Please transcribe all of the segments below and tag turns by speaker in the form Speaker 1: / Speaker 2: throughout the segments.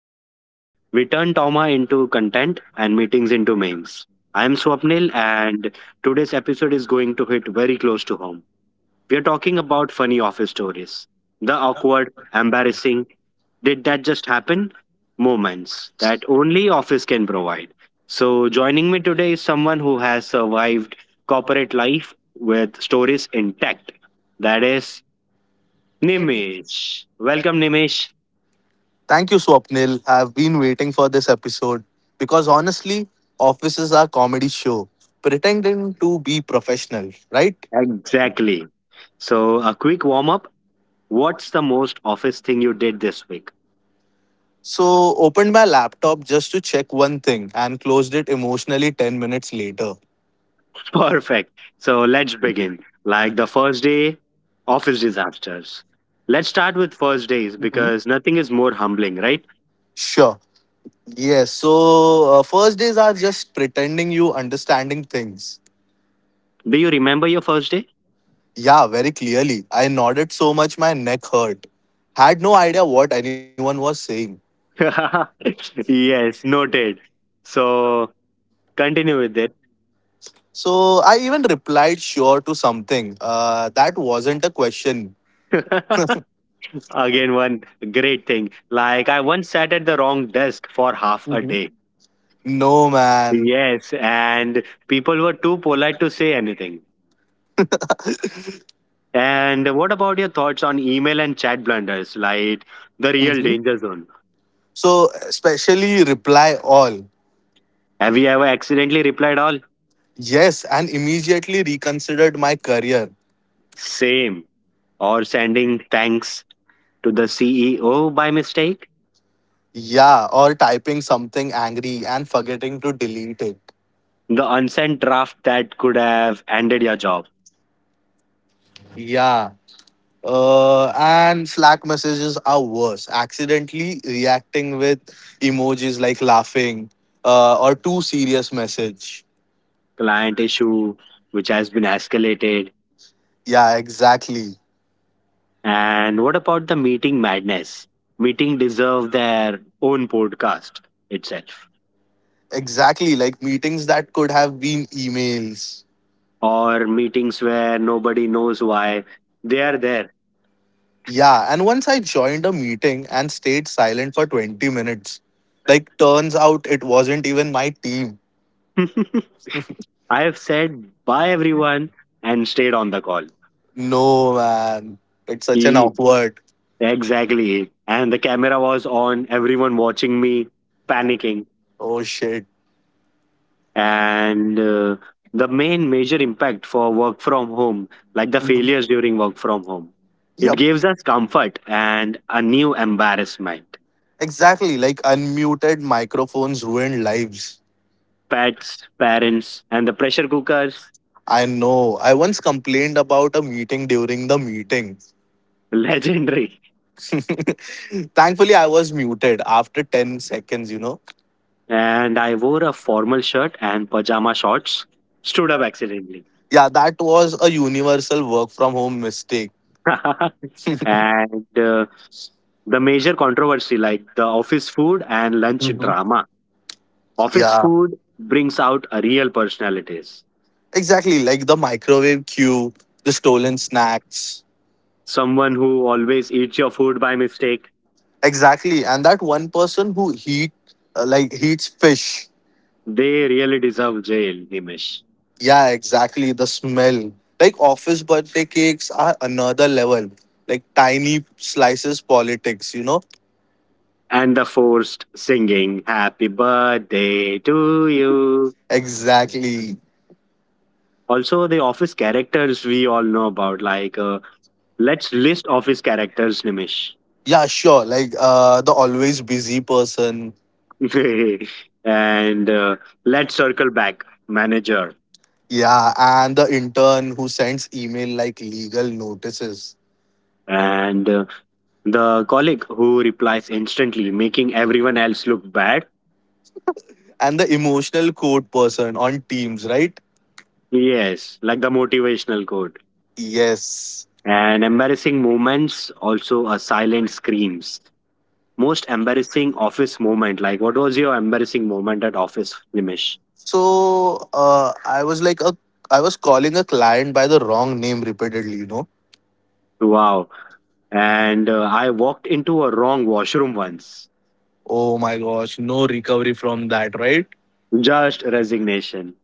Speaker 1: where we turn trauma into content and meetings into memes. I am Swapnil, and today's episode is going to hit very close to home. We are talking about funny office stories, the awkward, embarrassing, did that just happen moments that only office can provide. So, joining me today is someone who has survived corporate life with stories intact. That is Nimesh. Welcome, Nimesh.
Speaker 2: Thank you, Swapnil. I've been waiting for this episode because honestly, offices are comedy show pretending to be professional, right?
Speaker 1: Exactly. So, a quick warm up. What's the most office thing you did this week?
Speaker 2: So, opened my laptop just to check one thing and closed it emotionally 10 minutes later.
Speaker 1: Perfect. So, let's begin. Like the first day, office disasters. Let's start with first days because nothing is more humbling, right?
Speaker 2: Sure. Yes. So, first days are just pretending you understanding things.
Speaker 1: Do you remember your first day?
Speaker 2: Yeah, very clearly. I nodded so much my neck hurt. Had no idea what anyone was saying.
Speaker 1: Yes, noted. So, continue with it.
Speaker 2: So I even replied sure to something. That wasn't a question.
Speaker 1: Again, one great thing. Like, I once sat at the wrong desk for half a day.
Speaker 2: No, man.
Speaker 1: Yes, and people were too polite to say anything. And what about your thoughts on email and chat blunders, like the real
Speaker 2: Mhm.
Speaker 1: danger zone?
Speaker 2: So especially reply all.
Speaker 1: Have you ever accidentally replied all?
Speaker 2: Yes, and immediately reconsidered my career.
Speaker 1: Same. Or sending thanks to the CEO by mistake?
Speaker 2: Yeah, or typing something angry and forgetting to delete it.
Speaker 1: The unsent draft that could have ended your job,
Speaker 2: Yeah. And Slack messages are worse. Accidentally reacting with emojis like laughing or too serious message.
Speaker 1: client issue which has been escalated.
Speaker 2: Yeah, exactly.
Speaker 1: And what about the meeting madness? Meeting deserve their own podcast itself.
Speaker 2: Exactly, like meetings that could have been emails.
Speaker 1: Or meetings where nobody knows why they are there.
Speaker 2: Yeah, and once I joined a meeting and stayed silent for 20 minutes. Like, turns out it wasn't even my team.
Speaker 1: I have said bye everyone and stayed on the call.
Speaker 2: No, man. It's such an
Speaker 1: He,
Speaker 2: awkward.
Speaker 1: exactly. And the camera was on, everyone watching me, panicking.
Speaker 2: Oh, shit.
Speaker 1: And the main major impact for work from home, like the
Speaker 2: Mhm.
Speaker 1: failures during work from home, it
Speaker 2: Yep,
Speaker 1: gives us comfort and a new embarrassment.
Speaker 2: exactly. Like, unmuted microphones ruined lives.
Speaker 1: Pets, parents, and the pressure cookers,
Speaker 2: I know. I once complained about a meeting during the meeting.
Speaker 1: legendary.
Speaker 2: Thankfully, I was muted after 10 seconds.
Speaker 1: And I wore a formal shirt and pajama shorts, stood up accidentally.
Speaker 2: Yeah, that was a universal work from home mistake.
Speaker 1: And the major controversy, like the office food and lunch
Speaker 2: Hmm.
Speaker 1: drama. Office
Speaker 2: Yeah,
Speaker 1: food brings out a real personalities.
Speaker 2: exactly, like the microwave queue, the stolen snacks.
Speaker 1: Someone who always eats your food by mistake,
Speaker 2: Exactly, and that one person who heat like heats fish.
Speaker 1: they really deserve jail, Nimish.
Speaker 2: Yeah, exactly the smell. Like office birthday cakes are another level. Like tiny slices politics.
Speaker 1: And the forced singing, Happy Birthday to You.
Speaker 2: Exactly.
Speaker 1: Also, the office characters we all know about, like let's list office characters, Nimish.
Speaker 2: Yeah, sure, like the always busy person.
Speaker 1: And let's circle back, manager.
Speaker 2: Yeah, and the intern who sends email like legal notices.
Speaker 1: And the colleague who replies instantly, making everyone else look bad.
Speaker 2: And the emotional code person on Teams, right?
Speaker 1: Yes, like the motivational quote.
Speaker 2: Yes.
Speaker 1: And embarrassing moments, also a silent screams. Most embarrassing office moment. Like, what was your embarrassing moment at office, Nimish?
Speaker 2: So I was calling a client by the wrong name repeatedly.
Speaker 1: Wow. And I walked into a wrong washroom once.
Speaker 2: Oh my gosh, no recovery from that, right?
Speaker 1: Just resignation.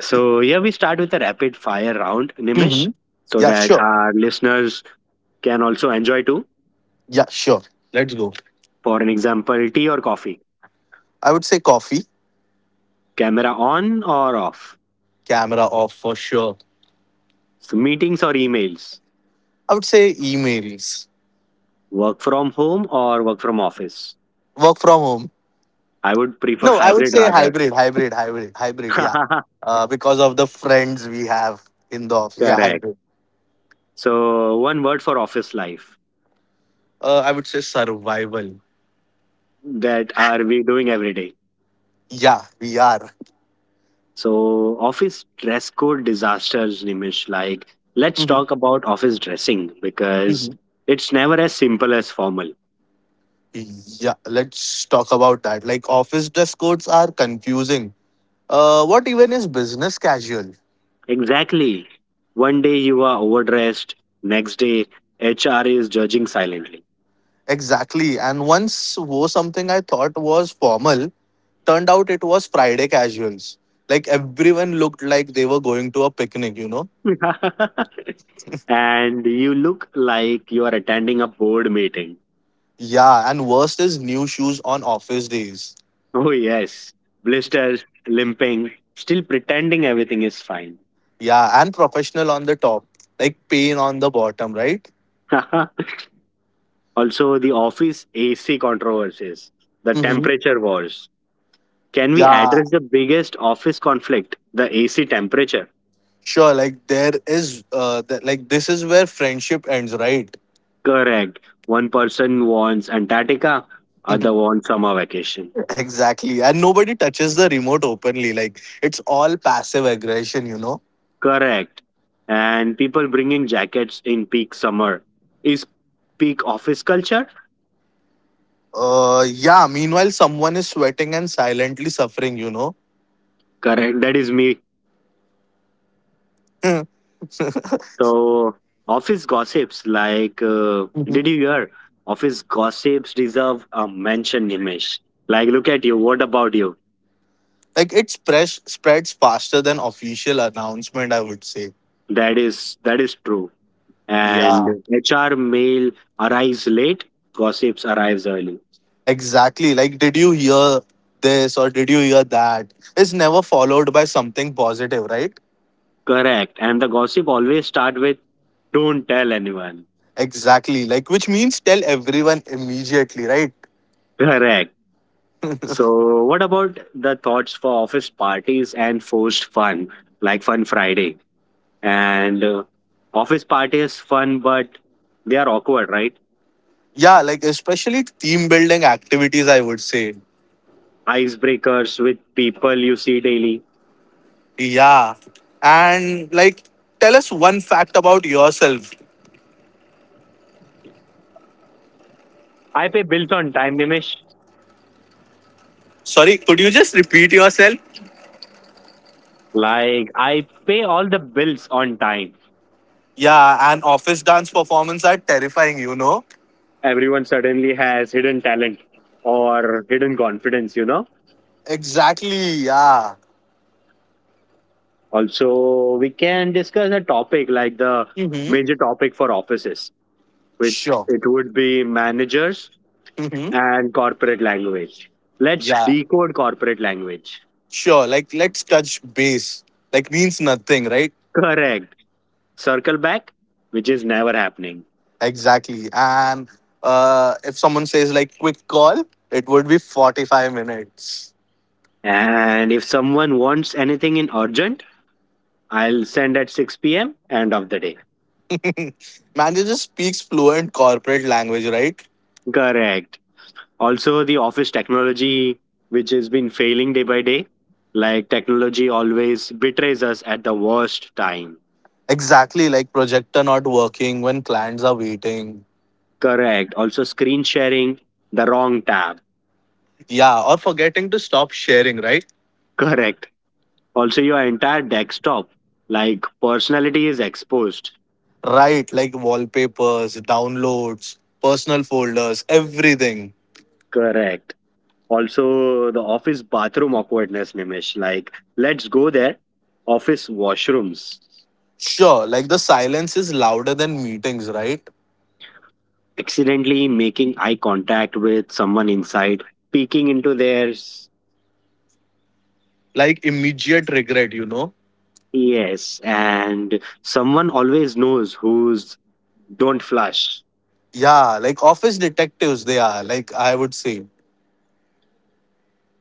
Speaker 1: So here we start with a rapid fire round, Nimish,
Speaker 2: Hmm.
Speaker 1: so
Speaker 2: Yeah,
Speaker 1: that
Speaker 2: sure.
Speaker 1: our listeners can also enjoy too.
Speaker 2: Yeah, sure. Let's go.
Speaker 1: For an example, tea or coffee?
Speaker 2: I would say coffee.
Speaker 1: Camera on or off?
Speaker 2: Camera off. For sure.
Speaker 1: So meetings or emails?
Speaker 2: I would say emails.
Speaker 1: Work from home or work from office?
Speaker 2: Work from home.
Speaker 1: I would prefer
Speaker 2: No, I would
Speaker 1: hybrid
Speaker 2: say
Speaker 1: rather.
Speaker 2: hybrid, hybrid, hybrid, hybrid. Yeah, because of the friends we have in the office. Yeah,
Speaker 1: Correct.
Speaker 2: hybrid.
Speaker 1: So one word for office life
Speaker 2: I would say survival.
Speaker 1: that are we doing every day?
Speaker 2: Yeah, we are.
Speaker 1: So, office dress code disasters, Nimish. Like, let's
Speaker 2: Mhm,
Speaker 1: talk about office dressing because
Speaker 2: mhm.
Speaker 1: it's never as simple as formal.
Speaker 2: Yeah, let's talk about that. Like office dress codes are confusing. What even is business casual?
Speaker 1: Exactly. One day you are overdressed, next day, HR is judging silently.
Speaker 2: Exactly. And once wore something I thought was formal, turned out it was Friday casuals. Like everyone looked like they were going to a picnic, you know?
Speaker 1: And you look like you are attending a board meeting.
Speaker 2: Yeah, and worst is new shoes on office days.
Speaker 1: Oh, yes. Blisters, limping, still pretending everything is fine.
Speaker 2: Yeah, and professional on the top, like pain on the bottom, right?
Speaker 1: Also, the office AC controversies, the
Speaker 2: Mm-hmm.
Speaker 1: temperature wars. Can we
Speaker 2: Yeah.
Speaker 1: address the biggest office conflict, the AC temperature?
Speaker 2: Sure, like there is, that like this is where friendship ends, right?
Speaker 1: Correct. One person wants Antarctica, other wants summer vacation.
Speaker 2: Exactly, and nobody touches the remote openly. Like it's all passive aggression.
Speaker 1: Correct. And people bringing jackets in peak summer. Is peak office culture?
Speaker 2: Yeah. Meanwhile, someone is sweating and silently suffering.
Speaker 1: Correct. That is me. So, office gossips like, did
Speaker 2: Mhm.
Speaker 1: you hear? Office gossips deserve a mention, Nimesh. Like, look at you. What about you?
Speaker 2: Like it spreads faster than official announcement, I would say.
Speaker 1: That is true.
Speaker 2: Yeah.
Speaker 1: And HR mail arrives late, gossips arrives early.
Speaker 2: Exactly. Like, did you hear this or did you hear that? It's never followed by something positive, right?
Speaker 1: Correct. And the gossip always start with don't tell anyone.
Speaker 2: Exactly. Like, which means tell everyone immediately, right?
Speaker 1: Correct. So what about the thoughts for office parties and forced fun, like fun Friday, and office party is fun but they are awkward, right?
Speaker 2: Yeah, like, especially team building activities, I would say.
Speaker 1: Icebreakers with people you see daily.
Speaker 2: Yeah. And, like, tell us one fact about yourself.
Speaker 1: I pay bills on time, Nimish.
Speaker 2: Sorry, could you just repeat yourself?
Speaker 1: Like I pay all the bills on time.
Speaker 2: Yeah, and office dance performance are terrifying, you know?
Speaker 1: Everyone suddenly has hidden talent or hidden confidence.
Speaker 2: Exactly. Yeah.
Speaker 1: Also, we can discuss a topic like the
Speaker 2: Mm-hmm.
Speaker 1: major topic for offices, which
Speaker 2: Sure.
Speaker 1: it would be managers
Speaker 2: Mm-hmm.
Speaker 1: and corporate language. Let's
Speaker 2: Yeah.
Speaker 1: decode corporate language.
Speaker 2: Sure. Like, let's touch base. Like, means nothing, right?
Speaker 1: Correct. Circle back, which is never happening.
Speaker 2: Exactly. And if someone says like quick call, it would be 45 minutes.
Speaker 1: And if someone wants anything in urgent, I'll send at 6 p.m., end of the day.
Speaker 2: Manager speaks fluent corporate language, right?
Speaker 1: Correct. Also, the office technology, which has been failing day by day, like technology always betrays us at the worst time.
Speaker 2: Exactly, like projector not working when clients are waiting.
Speaker 1: Correct. Also, screen sharing the wrong tab.
Speaker 2: Yeah, or forgetting to stop sharing, right?
Speaker 1: Correct. Also, your entire desktop, like personality is exposed.
Speaker 2: Right, like wallpapers, downloads, personal folders, everything.
Speaker 1: Correct. Also, the office bathroom awkwardness, Nimish. Like, let's go there. Office washrooms.
Speaker 2: Sure, like the silence is louder than meetings, right?
Speaker 1: Accidentally making eye contact with someone inside. Peeking into theirs.
Speaker 2: Like immediate regret, you know?
Speaker 1: Yes, and someone always knows who's don't flush.
Speaker 2: Yeah, like office detectives, they are, like I would say.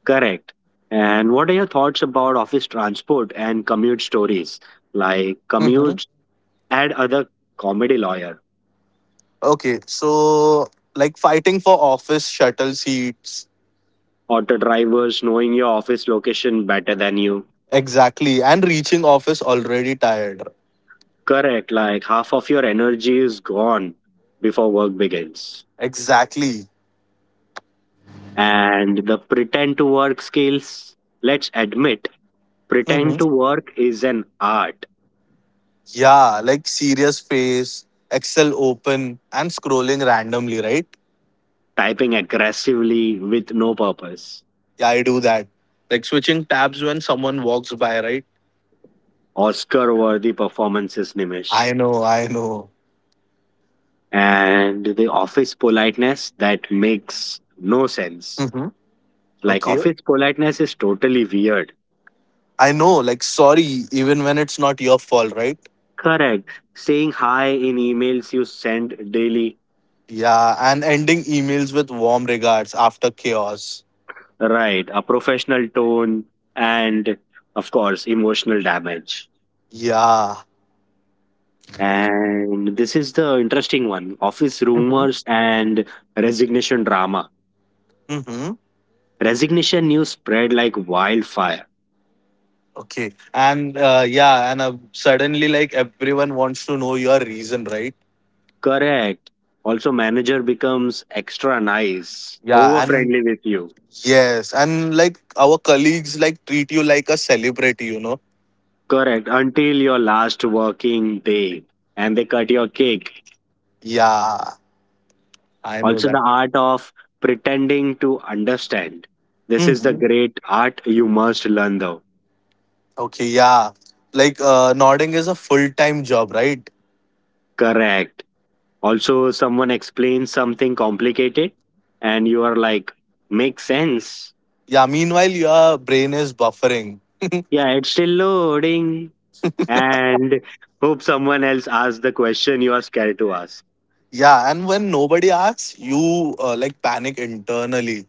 Speaker 1: Correct. And what are your thoughts about office transport and commute stories? Like
Speaker 2: Hmm.
Speaker 1: commutes add other comedy lawyer,
Speaker 2: Okay, so like fighting for office shuttle seats.
Speaker 1: auto drivers knowing your office location better than you.
Speaker 2: Exactly. And reaching office already tired.
Speaker 1: Correct. Like half of your energy is gone before work begins.
Speaker 2: Exactly.
Speaker 1: And the pretend to work skills, let's admit,
Speaker 2: Hmm.
Speaker 1: pretend to work is an art.
Speaker 2: Yeah, like serious face, Excel open, and scrolling randomly, right?
Speaker 1: Typing aggressively with no purpose.
Speaker 2: Yeah, I do that. Like switching tabs when someone walks by, right?
Speaker 1: Oscar worthy performances, Nimish.
Speaker 2: I know, I know.
Speaker 1: And the office politeness that makes no sense.
Speaker 2: Hmm.
Speaker 1: Like,
Speaker 2: Okay.
Speaker 1: office politeness is totally weird.
Speaker 2: I know, like, sorry, even when it's not your fault, right?
Speaker 1: Correct. Saying hi in emails you send daily.
Speaker 2: Yeah, and ending emails with warm regards after chaos.
Speaker 1: Right. A professional tone and, of course, emotional damage.
Speaker 2: Yeah.
Speaker 1: And this is the interesting one office
Speaker 2: Mm-hmm.
Speaker 1: rumors and resignation drama.
Speaker 2: Mm-hmm.
Speaker 1: Resignation news spread like wildfire.
Speaker 2: Okay. And yeah, and suddenly, like, everyone wants to know your reason, right?
Speaker 1: Correct. Also, manager becomes extra nice,
Speaker 2: Yeah,
Speaker 1: over
Speaker 2: and
Speaker 1: friendly with you.
Speaker 2: yes, and like our colleagues like treat you like a celebrity, you know?
Speaker 1: Correct. Until your last working day and they cut your cake.
Speaker 2: Yeah, I know
Speaker 1: Also,
Speaker 2: that.
Speaker 1: the art of pretending to understand. This is the
Speaker 2: Mhm.
Speaker 1: great art you must learn, though.
Speaker 2: Okay, yeah. Like, nodding is a full time job, right?
Speaker 1: Correct. Also, someone explains something complicated and you are like, makes sense.
Speaker 2: Yeah, meanwhile, your brain is buffering.
Speaker 1: Yeah, it's still loading. And hope someone else asks the question you are scared to ask.
Speaker 2: Yeah, and when nobody asks, you like panic internally.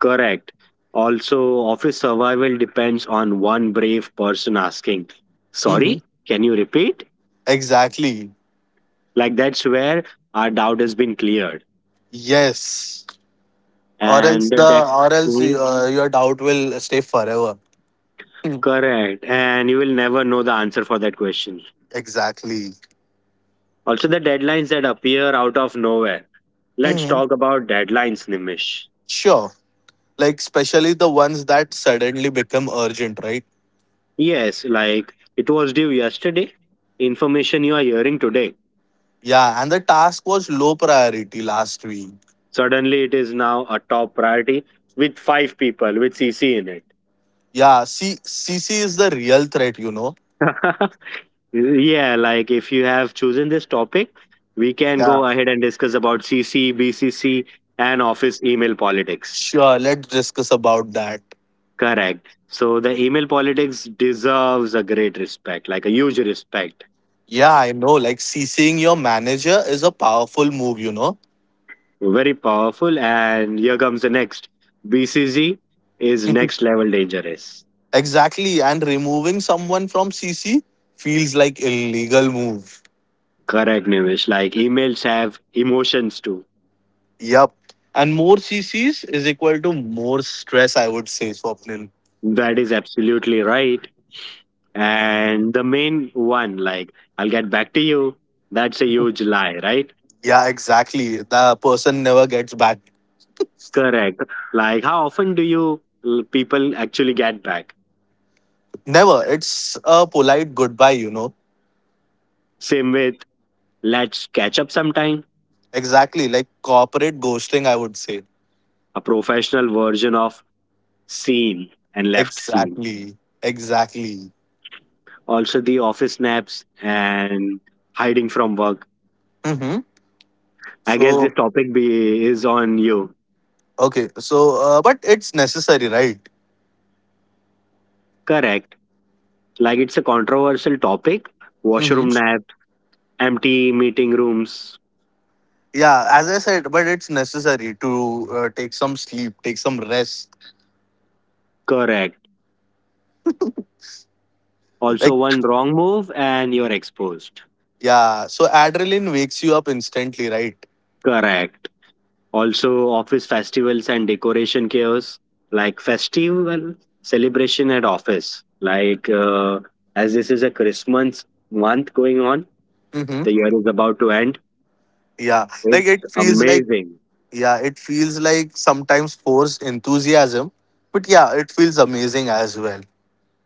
Speaker 1: Correct. Also, office survival depends on one brave person asking,
Speaker 2: Hmm.
Speaker 1: sorry, can you repeat?
Speaker 2: Exactly.
Speaker 1: Like that's where our doubt has been cleared.
Speaker 2: Yes. Or else
Speaker 1: And the
Speaker 2: the
Speaker 1: de-
Speaker 2: or else
Speaker 1: Mhm.
Speaker 2: uh, your doubt will stay forever. Mm.
Speaker 1: Correct. And you will never know the answer for that question.
Speaker 2: Exactly.
Speaker 1: Also, the deadlines that appear out of nowhere. Let's
Speaker 2: Hmm.
Speaker 1: talk about deadlines, Nimish.
Speaker 2: Sure. Like especially the ones that suddenly become urgent, right?
Speaker 1: Yes, like it was due yesterday. Information you are hearing today.
Speaker 2: Yeah, and the task was low priority last week.
Speaker 1: Suddenly, it is now a top priority with five people with CC in it.
Speaker 2: Yeah, CC is the real threat, you know.
Speaker 1: Yeah, like if you have chosen this topic, we can
Speaker 2: Yeah.
Speaker 1: go ahead and discuss about CC, BCC, and office email politics.
Speaker 2: Sure, let's discuss about that.
Speaker 1: Correct. So the email politics deserves a great respect, like a huge respect.
Speaker 2: Yeah, I know. Like CCing your manager is a powerful move.
Speaker 1: Very powerful. And here comes the next. BCC is next level dangerous.
Speaker 2: Exactly. And removing someone from CC feels like illegal move.
Speaker 1: Correct, Nivish. Like emails have emotions too.
Speaker 2: Yep. And more CCs is equal to more stress, I would say, Swapnil.
Speaker 1: That is absolutely right. And the main one, like I'll get back to you, that's a huge lie, right?
Speaker 2: Yeah, exactly. The person never gets back.
Speaker 1: Correct. Like how often do you people actually get back?
Speaker 2: Never. It's a polite goodbye.
Speaker 1: Same with, let's catch up sometime.
Speaker 2: Exactly. Like corporate ghosting, I would say.
Speaker 1: A professional version of seen and left seen.
Speaker 2: Exactly. Exactly.
Speaker 1: Also, the office naps and hiding from work.
Speaker 2: Mm-hmm.
Speaker 1: I guess
Speaker 2: So,
Speaker 1: this topic is on you.
Speaker 2: okay. So, but it's necessary, right?
Speaker 1: Correct. Like, it's a controversial topic. Washroom
Speaker 2: Mm-hmm.
Speaker 1: nap, empty meeting rooms.
Speaker 2: Yeah, as I said, but it's necessary to take some sleep, take some rest.
Speaker 1: Correct. Also,
Speaker 2: Like,
Speaker 1: one wrong move and you're exposed.
Speaker 2: yeah, so adrenaline wakes you up instantly, right?
Speaker 1: Correct. Also, office festivals and decoration chaos, like festival celebration at office. Like, as this is a Christmas month going on,
Speaker 2: Mm-hmm.
Speaker 1: the year is about to end.
Speaker 2: Yeah, like
Speaker 1: It's
Speaker 2: it feels like,
Speaker 1: amazing.
Speaker 2: yeah, it feels like sometimes forced enthusiasm, but yeah, it feels amazing as well.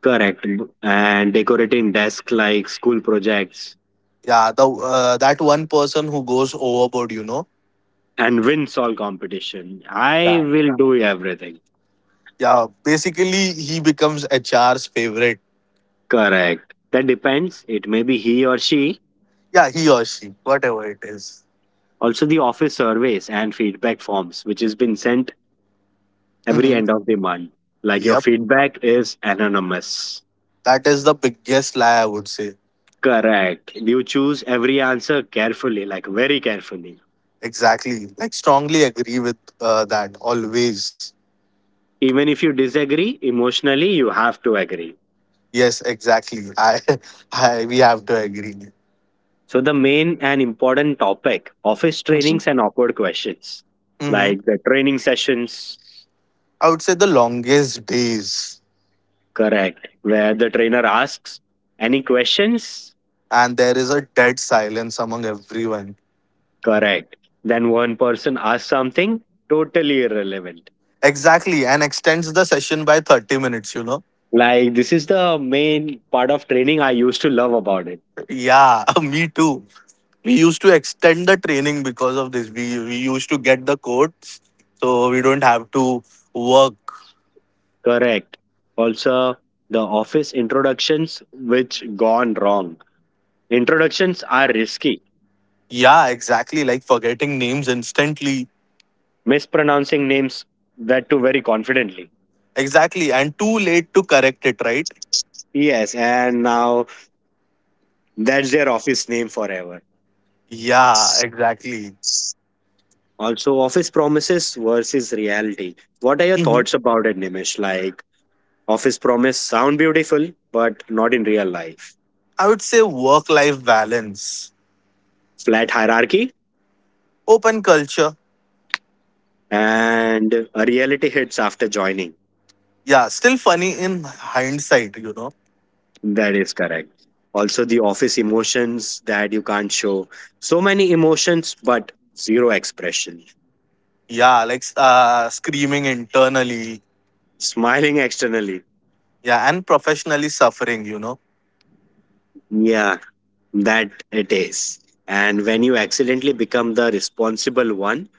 Speaker 1: Correct. And decorating desk like school projects
Speaker 2: Yeah, the that one person who goes overboard.
Speaker 1: and win all competition. I will do everything.
Speaker 2: yeah, basically he becomes HR's favorite.
Speaker 1: Correct. That depends. It may be he or she.
Speaker 2: Yeah, he or she, whatever it is.
Speaker 1: Also, the office surveys and feedback forms, which has been sent every
Speaker 2: Mhm.
Speaker 1: end of the month. Like your
Speaker 2: Yep,
Speaker 1: feedback is anonymous.
Speaker 2: that is the biggest lie, I would say.
Speaker 1: Correct. You choose every answer carefully, like very carefully.
Speaker 2: Exactly. Like strongly agree with that always.
Speaker 1: Even if you disagree emotionally, you have to agree.
Speaker 2: Yes, exactly. I, I we have to agree.
Speaker 1: So, the main and important topic office trainings and awkward questions,
Speaker 2: Hmm.
Speaker 1: like the training sessions,
Speaker 2: I would say the longest days,
Speaker 1: correct, where the trainer asks, any questions?
Speaker 2: and there is a dead silence among everyone.
Speaker 1: Correct. Then one person asks something totally irrelevant.
Speaker 2: Exactly, and extends the session by 30 minutes. You know.
Speaker 1: Like this is the main part of training I used to love about it.
Speaker 2: Yeah, me too. We used to extend the training because of this. We used to get the codes, so we don't have to work.
Speaker 1: Correct. Also, the office introductions which gone wrong. Introductions are risky.
Speaker 2: Yeah, exactly. Like forgetting names instantly.
Speaker 1: Mispronouncing names that too very confidently.
Speaker 2: Exactly. And too late to correct it, right?
Speaker 1: Yes, and now that's their office name forever.
Speaker 2: Yeah, exactly.
Speaker 1: Also, office promises versus reality. What are your
Speaker 2: Hmm.
Speaker 1: thoughts about it, Nimish? Like office promise sound beautiful, but not in real life.
Speaker 2: I would say work life balance,
Speaker 1: Flat hierarchy
Speaker 2: open culture.
Speaker 1: and a reality hits after joining.
Speaker 2: Yeah, still funny in hindsight, you know.
Speaker 1: That is correct. Also, the office emotions that you can't show. So many emotions, but zero expression.
Speaker 2: Yeah, like screaming internally.
Speaker 1: Smiling externally.
Speaker 2: Yeah, and professionally suffering, you know.
Speaker 1: Yeah, that it is. And when you accidentally become the responsible one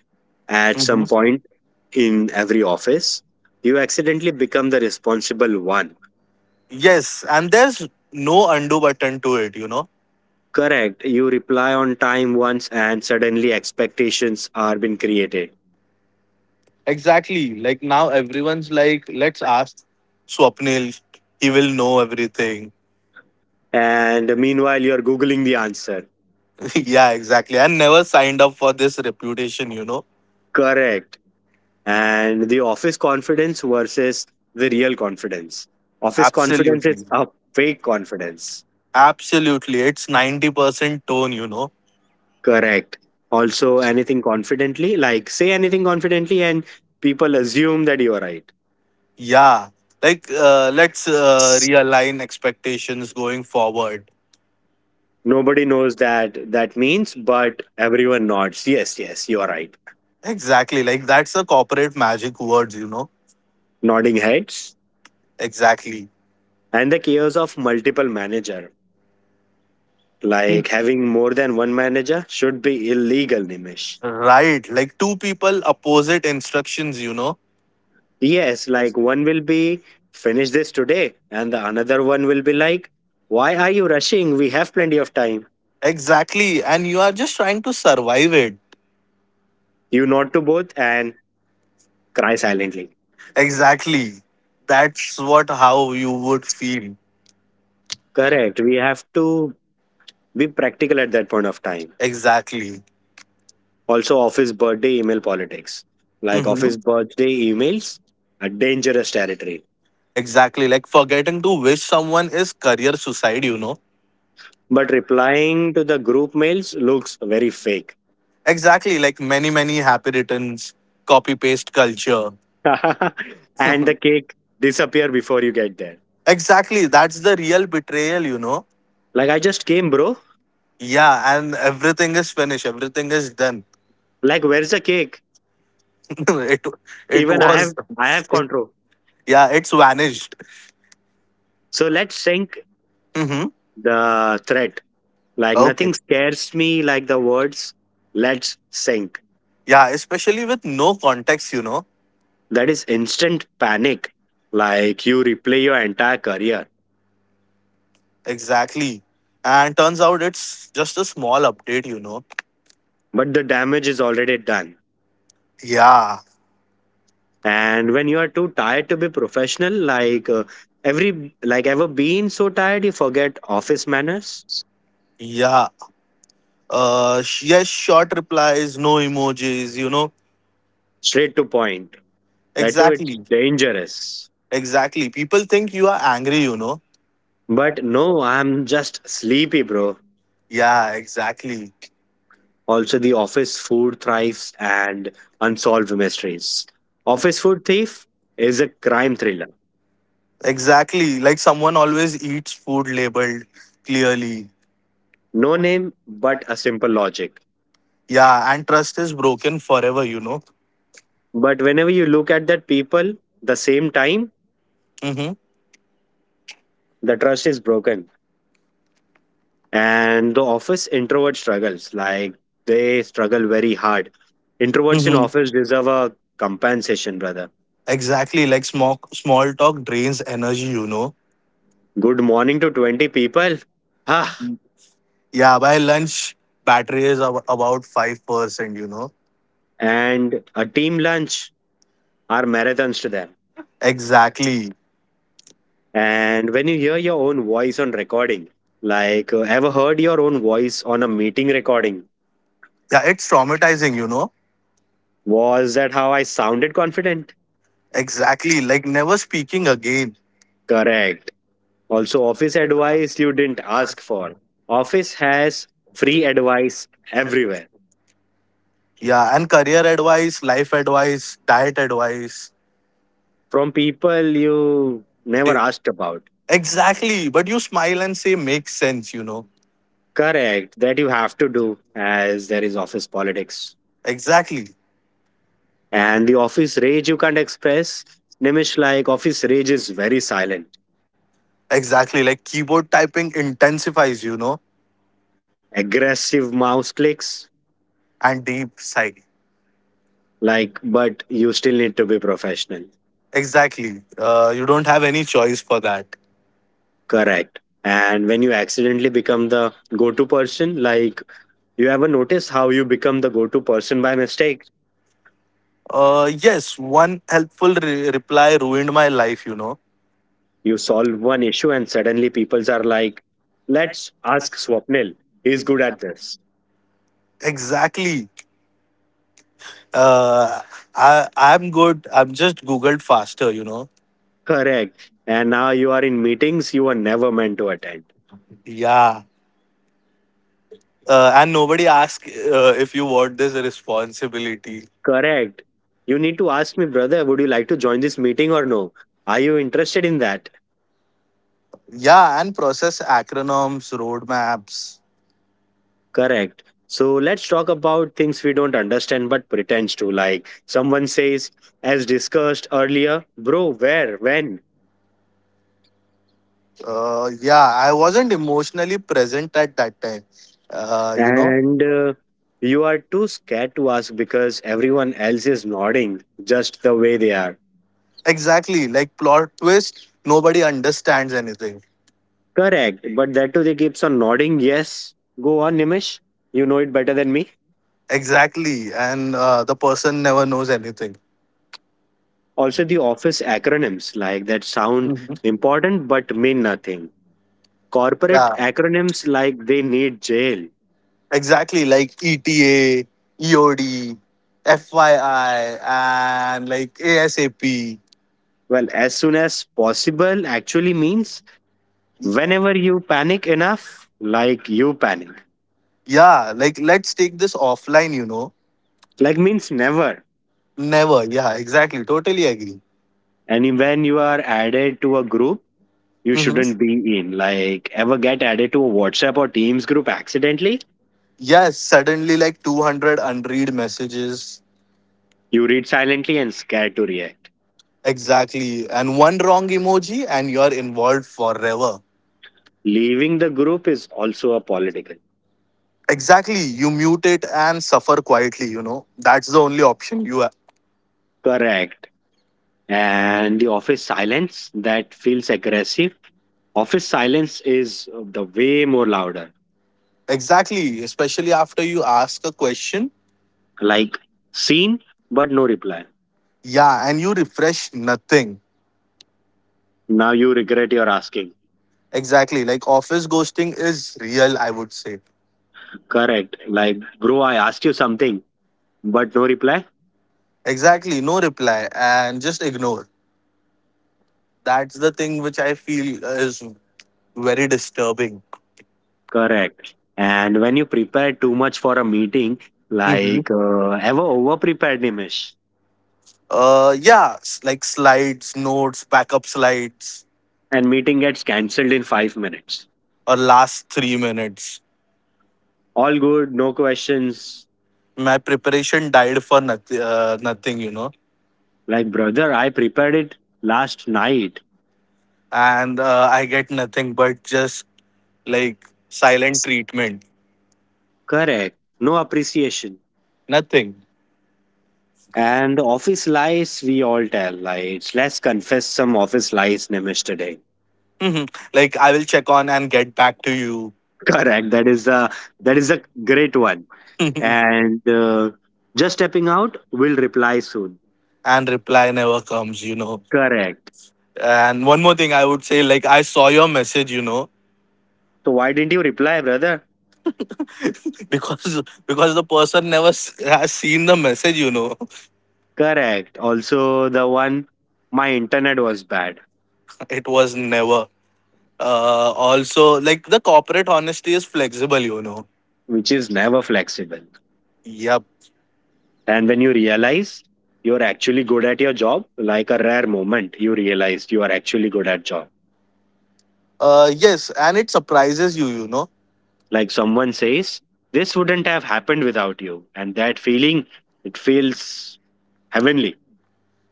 Speaker 1: at some
Speaker 2: Hmm.
Speaker 1: point in every office, you accidentally become the responsible one.
Speaker 2: Yes, and there's no undo button to it, you know.
Speaker 1: Correct. You reply on time once, and suddenly expectations are being created.
Speaker 2: Exactly. Like now everyone's like, let's ask Swapnil, he will know everything.
Speaker 1: And meanwhile you're googling the answer.
Speaker 2: Yeah, exactly. I never signed up for this reputation, you know.
Speaker 1: Correct. And the office confidence versus the real confidence. Office confidence is
Speaker 2: Absolutely.
Speaker 1: a fake confidence.
Speaker 2: Absolutely. It's 90% tone, you know.
Speaker 1: Correct. Also, anything confidently, like say anything confidently and people assume that you are right.
Speaker 2: Yeah. Like, let's realign expectations going forward.
Speaker 1: Nobody knows that that means, but everyone nods, yes, yes, you are right.
Speaker 2: Exactly. Like, that's the corporate magic words, you know.
Speaker 1: Nodding heads.
Speaker 2: Exactly.
Speaker 1: And the chaos of multiple manager, like having more than one manager should be illegal, Nimish.
Speaker 2: Right. Like, two people opposite instructions, you know.
Speaker 1: Yes, like one will be finish this today, and the another one will be like, why are you rushing? We have plenty of time.
Speaker 2: Exactly. And you are just trying to survive it.
Speaker 1: You nod to both and cry silently.
Speaker 2: Exactly. That's what how you would feel.
Speaker 1: Correct. We have to be practical at that point of time.
Speaker 2: Exactly.
Speaker 1: Also, office birthday email politics. Like,
Speaker 2: Mm-hmm.
Speaker 1: office birthday emails are dangerous territory.
Speaker 2: Exactly. Like forgetting to wish someone is career suicide, you know.
Speaker 1: But replying to the group mails looks very fake.
Speaker 2: Exactly. Like many, many happy returns, copy paste culture.
Speaker 1: And the cake disappear before you get there.
Speaker 2: Exactly. That's the real betrayal, you know.
Speaker 1: Like, I just came, bro.
Speaker 2: Yeah, and everything is finished. Everything is done.
Speaker 1: Like, where's the cake?
Speaker 2: it
Speaker 1: Even I
Speaker 2: was
Speaker 1: have I have
Speaker 2: it,
Speaker 1: control.
Speaker 2: yeah, it's vanished.
Speaker 1: So let's sink
Speaker 2: Mm-hmm.
Speaker 1: the threat. Like,
Speaker 2: Okay.
Speaker 1: nothing scares me like the words let's sink."
Speaker 2: Yeah, especially with no context, you know.
Speaker 1: That is instant panic. Like you replay your entire career.
Speaker 2: Exactly. And turns out it's just a small update, you know.
Speaker 1: But the damage is already done.
Speaker 2: Yeah.
Speaker 1: And when you are too tired to be professional, every like, ever been so tired you forget office manners?
Speaker 2: Yeah. Yes, short replies, no emojis, you know.
Speaker 1: Straight to point. That too, it's
Speaker 2: Exactly.
Speaker 1: dangerous.
Speaker 2: Exactly, people think you are angry, you know.
Speaker 1: But no, I'm just sleepy, bro.
Speaker 2: Yeah, exactly.
Speaker 1: Also, the office food thrives and unsolved mysteries. Office Food Thief is a crime thriller.
Speaker 2: Exactly, like someone always eats food labeled clearly.
Speaker 1: No name, but a simple logic.
Speaker 2: Yeah, and trust is broken forever, you know.
Speaker 1: But whenever you look at that people, the same time,
Speaker 2: Mm-hmm.
Speaker 1: the trust is broken. And the office introvert struggles. Like, they struggle very hard. Introverts in
Speaker 2: Mm-hmm.
Speaker 1: office deserve a compensation, brother.
Speaker 2: Exactly, like small talk drains energy, you know.
Speaker 1: Good morning to 20 people. Ah,
Speaker 2: Yeah, by lunch battery is about 5%, you know.
Speaker 1: and a team lunch are marathons to them.
Speaker 2: Exactly.
Speaker 1: And when you hear your own voice on recording, ever heard your own voice on a meeting recording?
Speaker 2: Yeah, it's traumatizing, you know.
Speaker 1: Was that how I sounded confident?
Speaker 2: Exactly, like never speaking again.
Speaker 1: Correct. Also, office advice you didn't ask for. Office has free advice everywhere
Speaker 2: Yeah, and career advice, life advice, diet advice.
Speaker 1: from people you never
Speaker 2: Di-
Speaker 1: asked about.
Speaker 2: Exactly, but you smile and say makes sense, you know.
Speaker 1: Correct. That you have to do as there is office politics.
Speaker 2: Exactly,
Speaker 1: And the office rage you can't express. Nimish, like office rage is very silent.
Speaker 2: exactly. Like keyboard typing intensifies, you know,
Speaker 1: Aggressive mouse clicks,
Speaker 2: and deep sigh.
Speaker 1: like, but you still need to be professional.
Speaker 2: Exactly. You don't have any choice for that.
Speaker 1: Correct. And when you accidentally become the go-to person, like, you ever notice how you become the go-to person by mistake?
Speaker 2: Yes, one helpful reply ruined my life, you know.
Speaker 1: You solve one issue and suddenly people are like, let's ask Swapnil, he's good at this.
Speaker 2: Exactly. Uh, I'm good. I'm just Googled faster, you know.
Speaker 1: Correct. And now you are in meetings you were never meant to attend.
Speaker 2: Yeah. And nobody asks if you want this responsibility.
Speaker 1: Correct. You need to ask me, brother, would you like to join this meeting or no? Are you interested in that?
Speaker 2: Yeah, and process acronyms, roadmaps.
Speaker 1: Correct. So let's talk about things we don't understand but pretends to. Like someone says, as discussed earlier, bro, where, when?
Speaker 2: Yeah, I wasn't emotionally present at that time. Uh, you know,
Speaker 1: And you are too scared to ask because everyone else is nodding just the way they are.
Speaker 2: exactly, like plot twist, nobody understands anything.
Speaker 1: Correct. But that too, they keeps on nodding. Yes. Go on, Nimish. You know it better than me.
Speaker 2: Exactly, and the person never knows anything.
Speaker 1: Also, the office acronyms like that sound
Speaker 2: Mhm.
Speaker 1: important but mean nothing. Corporate
Speaker 2: Yeah,
Speaker 1: acronyms, like they need jail.
Speaker 2: exactly, like ETA, EOD, FYI, and like ASAP.
Speaker 1: Well, as soon as possible actually means whenever you panic enough, like, you panic.
Speaker 2: Yeah, like let's take this offline, you know.
Speaker 1: Like, means never.
Speaker 2: Never. Yeah, exactly. Totally agree.
Speaker 1: And when you are added to a group you shouldn't
Speaker 2: Mm-hmm.
Speaker 1: be in. Like, ever get added to a WhatsApp or Teams group accidentally,
Speaker 2: Yes, suddenly like 200 unread messages.
Speaker 1: you read silently and scared to react.
Speaker 2: Exactly. And one wrong emoji and you're involved forever.
Speaker 1: Leaving the group is also a political.
Speaker 2: Exactly. You mute it and suffer quietly, you know. That's the only option you have.
Speaker 1: Correct. And the office silence that feels aggressive. Office silence is the way more louder.
Speaker 2: Exactly. Especially after you ask a question.
Speaker 1: Like, seen but no reply.
Speaker 2: Yeah, and you refresh nothing.
Speaker 1: Now you regret your asking.
Speaker 2: Exactly. Like office ghosting is real, I would say.
Speaker 1: Correct. Like, bro, I asked you something, but no reply.
Speaker 2: Exactly, no reply and just ignore. That's the thing which I feel is very disturbing.
Speaker 1: Correct. And when you prepare too much for a meeting,
Speaker 2: Hmm.
Speaker 1: ever over prepared, Nimish,
Speaker 2: Yeah, like slides, notes, backup slides,
Speaker 1: and meeting gets cancelled in 5 minutes.
Speaker 2: or last 3 minutes.
Speaker 1: All good, no questions.
Speaker 2: My preparation died for nothing, you know,
Speaker 1: Like, brother, I prepared it last night.
Speaker 2: and I get nothing but just like silent treatment.
Speaker 1: Correct. No appreciation.
Speaker 2: Nothing.
Speaker 1: And office lies, we all tell lies. Let's confess some office lies, Nimish, today.
Speaker 2: Mhm. Like I will check on and get back to you.
Speaker 1: Correct. That is the that is a great one. And just stepping out, will reply soon.
Speaker 2: And reply never comes, you know.
Speaker 1: Correct.
Speaker 2: And one more thing I would say, like I saw your message, you know.
Speaker 1: So why didn't you reply, brother?
Speaker 2: Because the person never has seen the message, you know.
Speaker 1: Correct. Also the one, my internet was bad,
Speaker 2: It was never. Also, like the corporate honesty is flexible, you know.
Speaker 1: which is never flexible.
Speaker 2: Yep.
Speaker 1: And when you realize you're actually good at your job, like, a rare moment you realized you are actually good at job.
Speaker 2: Yes, and it surprises you, you know.
Speaker 1: Like someone says, this wouldn't have happened without you, and that feeling, it feels heavenly.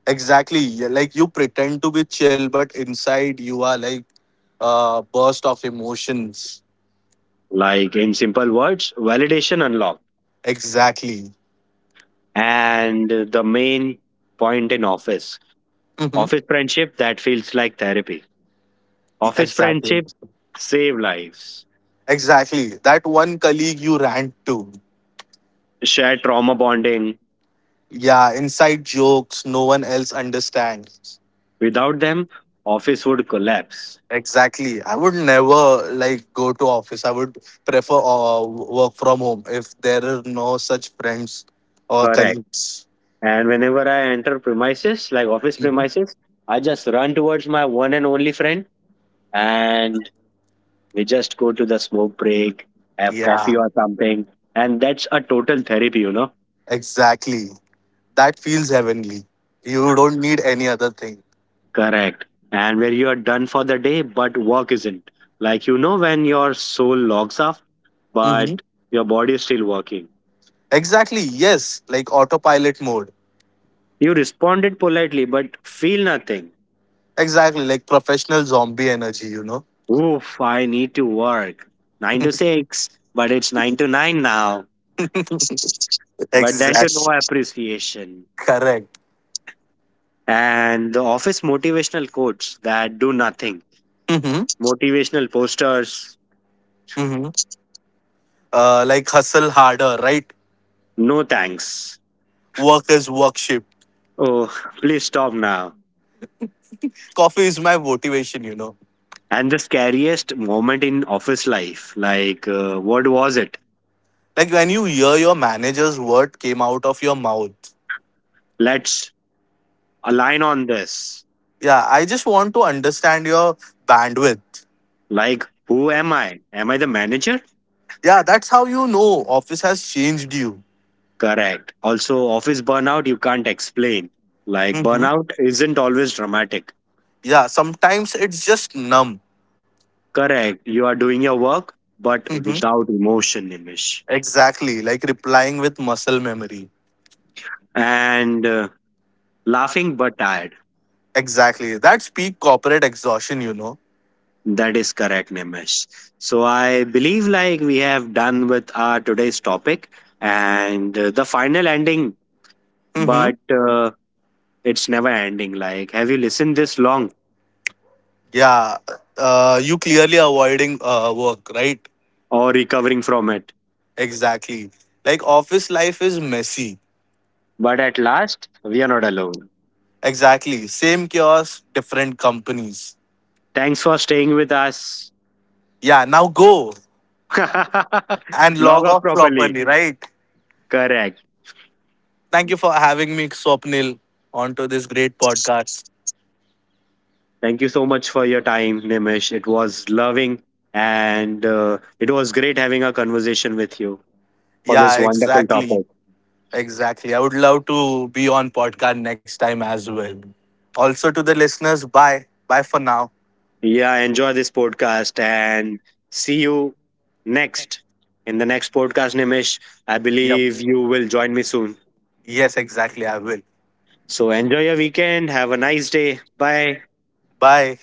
Speaker 2: Exactly. Yeah, like you pretend to be chill but inside you are like burst of emotions.
Speaker 1: Like, in simple words, validation unlocked.
Speaker 2: Exactly.
Speaker 1: And the main point in office,
Speaker 2: Hmm.
Speaker 1: office friendship that feels like therapy. Office
Speaker 2: Exactly.
Speaker 1: friendship save lives,
Speaker 2: Exactly, that one colleague you rant to.
Speaker 1: share trauma bonding.
Speaker 2: Yeah, inside jokes no one else understands.
Speaker 1: Without them, office would collapse.
Speaker 2: Exactly. I would never like go to office. I would prefer work from home if there are no such friends or
Speaker 1: Correct.
Speaker 2: colleagues.
Speaker 1: And whenever I enter premises, like office
Speaker 2: Mhm.
Speaker 1: premises, I just run towards my one and only friend, and we just go to the smoke break, have
Speaker 2: Yeah,
Speaker 1: coffee or something, and that's a total therapy, you know.
Speaker 2: exactly. That feels heavenly. You don't need any other thing.
Speaker 1: Correct. And where you are done for the day, but work isn't. Like, you know, when your soul logs off,
Speaker 2: Hmm.
Speaker 1: but your body is still working.
Speaker 2: Exactly. Yes, like autopilot mode.
Speaker 1: You responded politely, but feel nothing.
Speaker 2: Exactly, like professional zombie energy. You know.
Speaker 1: Oof, I need to work. Nine to six, but it's nine to nine now. But then to
Speaker 2: Exactly.
Speaker 1: no appreciation.
Speaker 2: Correct.
Speaker 1: And the office motivational quotes that do nothing.
Speaker 2: Hmm.
Speaker 1: Motivational posters,
Speaker 2: Hmm. Like hustle harder, right?
Speaker 1: no thanks.
Speaker 2: Work is worship.
Speaker 1: Oh, please stop now.
Speaker 2: Coffee is my motivation. You know.
Speaker 1: And the scariest moment in office life, what was it?
Speaker 2: Like when you hear your manager's word came out of your mouth.
Speaker 1: Let's align on this.
Speaker 2: Yeah, I just want to understand your bandwidth.
Speaker 1: Like, who am I? Am I the manager?
Speaker 2: Yeah, that's how you know office has changed you.
Speaker 1: Correct. Also, office burnout, you can't explain. Like,
Speaker 2: Hmm.
Speaker 1: burnout isn't always dramatic.
Speaker 2: Yeah, sometimes it's just numb.
Speaker 1: Correct. You are doing your work, but
Speaker 2: Hmm.
Speaker 1: without emotion, Nimish.
Speaker 2: Exactly, like replying with muscle memory.
Speaker 1: And laughing but tired.
Speaker 2: Exactly, that's peak corporate exhaustion, you know.
Speaker 1: That is correct, Nimish. So I believe like we have done with our today's topic, and the final ending,
Speaker 2: Hmm.
Speaker 1: but it's never ending. Like, have you listened this long
Speaker 2: Yeah, you clearly avoiding work, right?
Speaker 1: or recovering from it?
Speaker 2: Exactly. Like office life is messy.
Speaker 1: But at last we are not alone.
Speaker 2: Exactly, same chaos, different companies.
Speaker 1: Thanks for staying with us.
Speaker 2: Yeah, now go and
Speaker 1: Log
Speaker 2: log
Speaker 1: off
Speaker 2: off
Speaker 1: properly.
Speaker 2: properly, right?
Speaker 1: Correct.
Speaker 2: Thank you for having me, Swapnil, onto this great podcast.
Speaker 1: Thank you so much for your time, Nimish. It was loving, and it was great having a conversation with you for this
Speaker 2: Yeah,
Speaker 1: wonderful
Speaker 2: exactly.
Speaker 1: topic.
Speaker 2: Exactly. I would love to be on podcast next time as well. Also to the listeners, bye. Bye for now.
Speaker 1: Yeah, enjoy this podcast and see you next, in the next podcast, Nimish. I
Speaker 2: Yep.
Speaker 1: believe you will join me soon.
Speaker 2: Yes, exactly. I will.
Speaker 1: So enjoy your weekend. Have a nice day. Bye.
Speaker 2: Bye.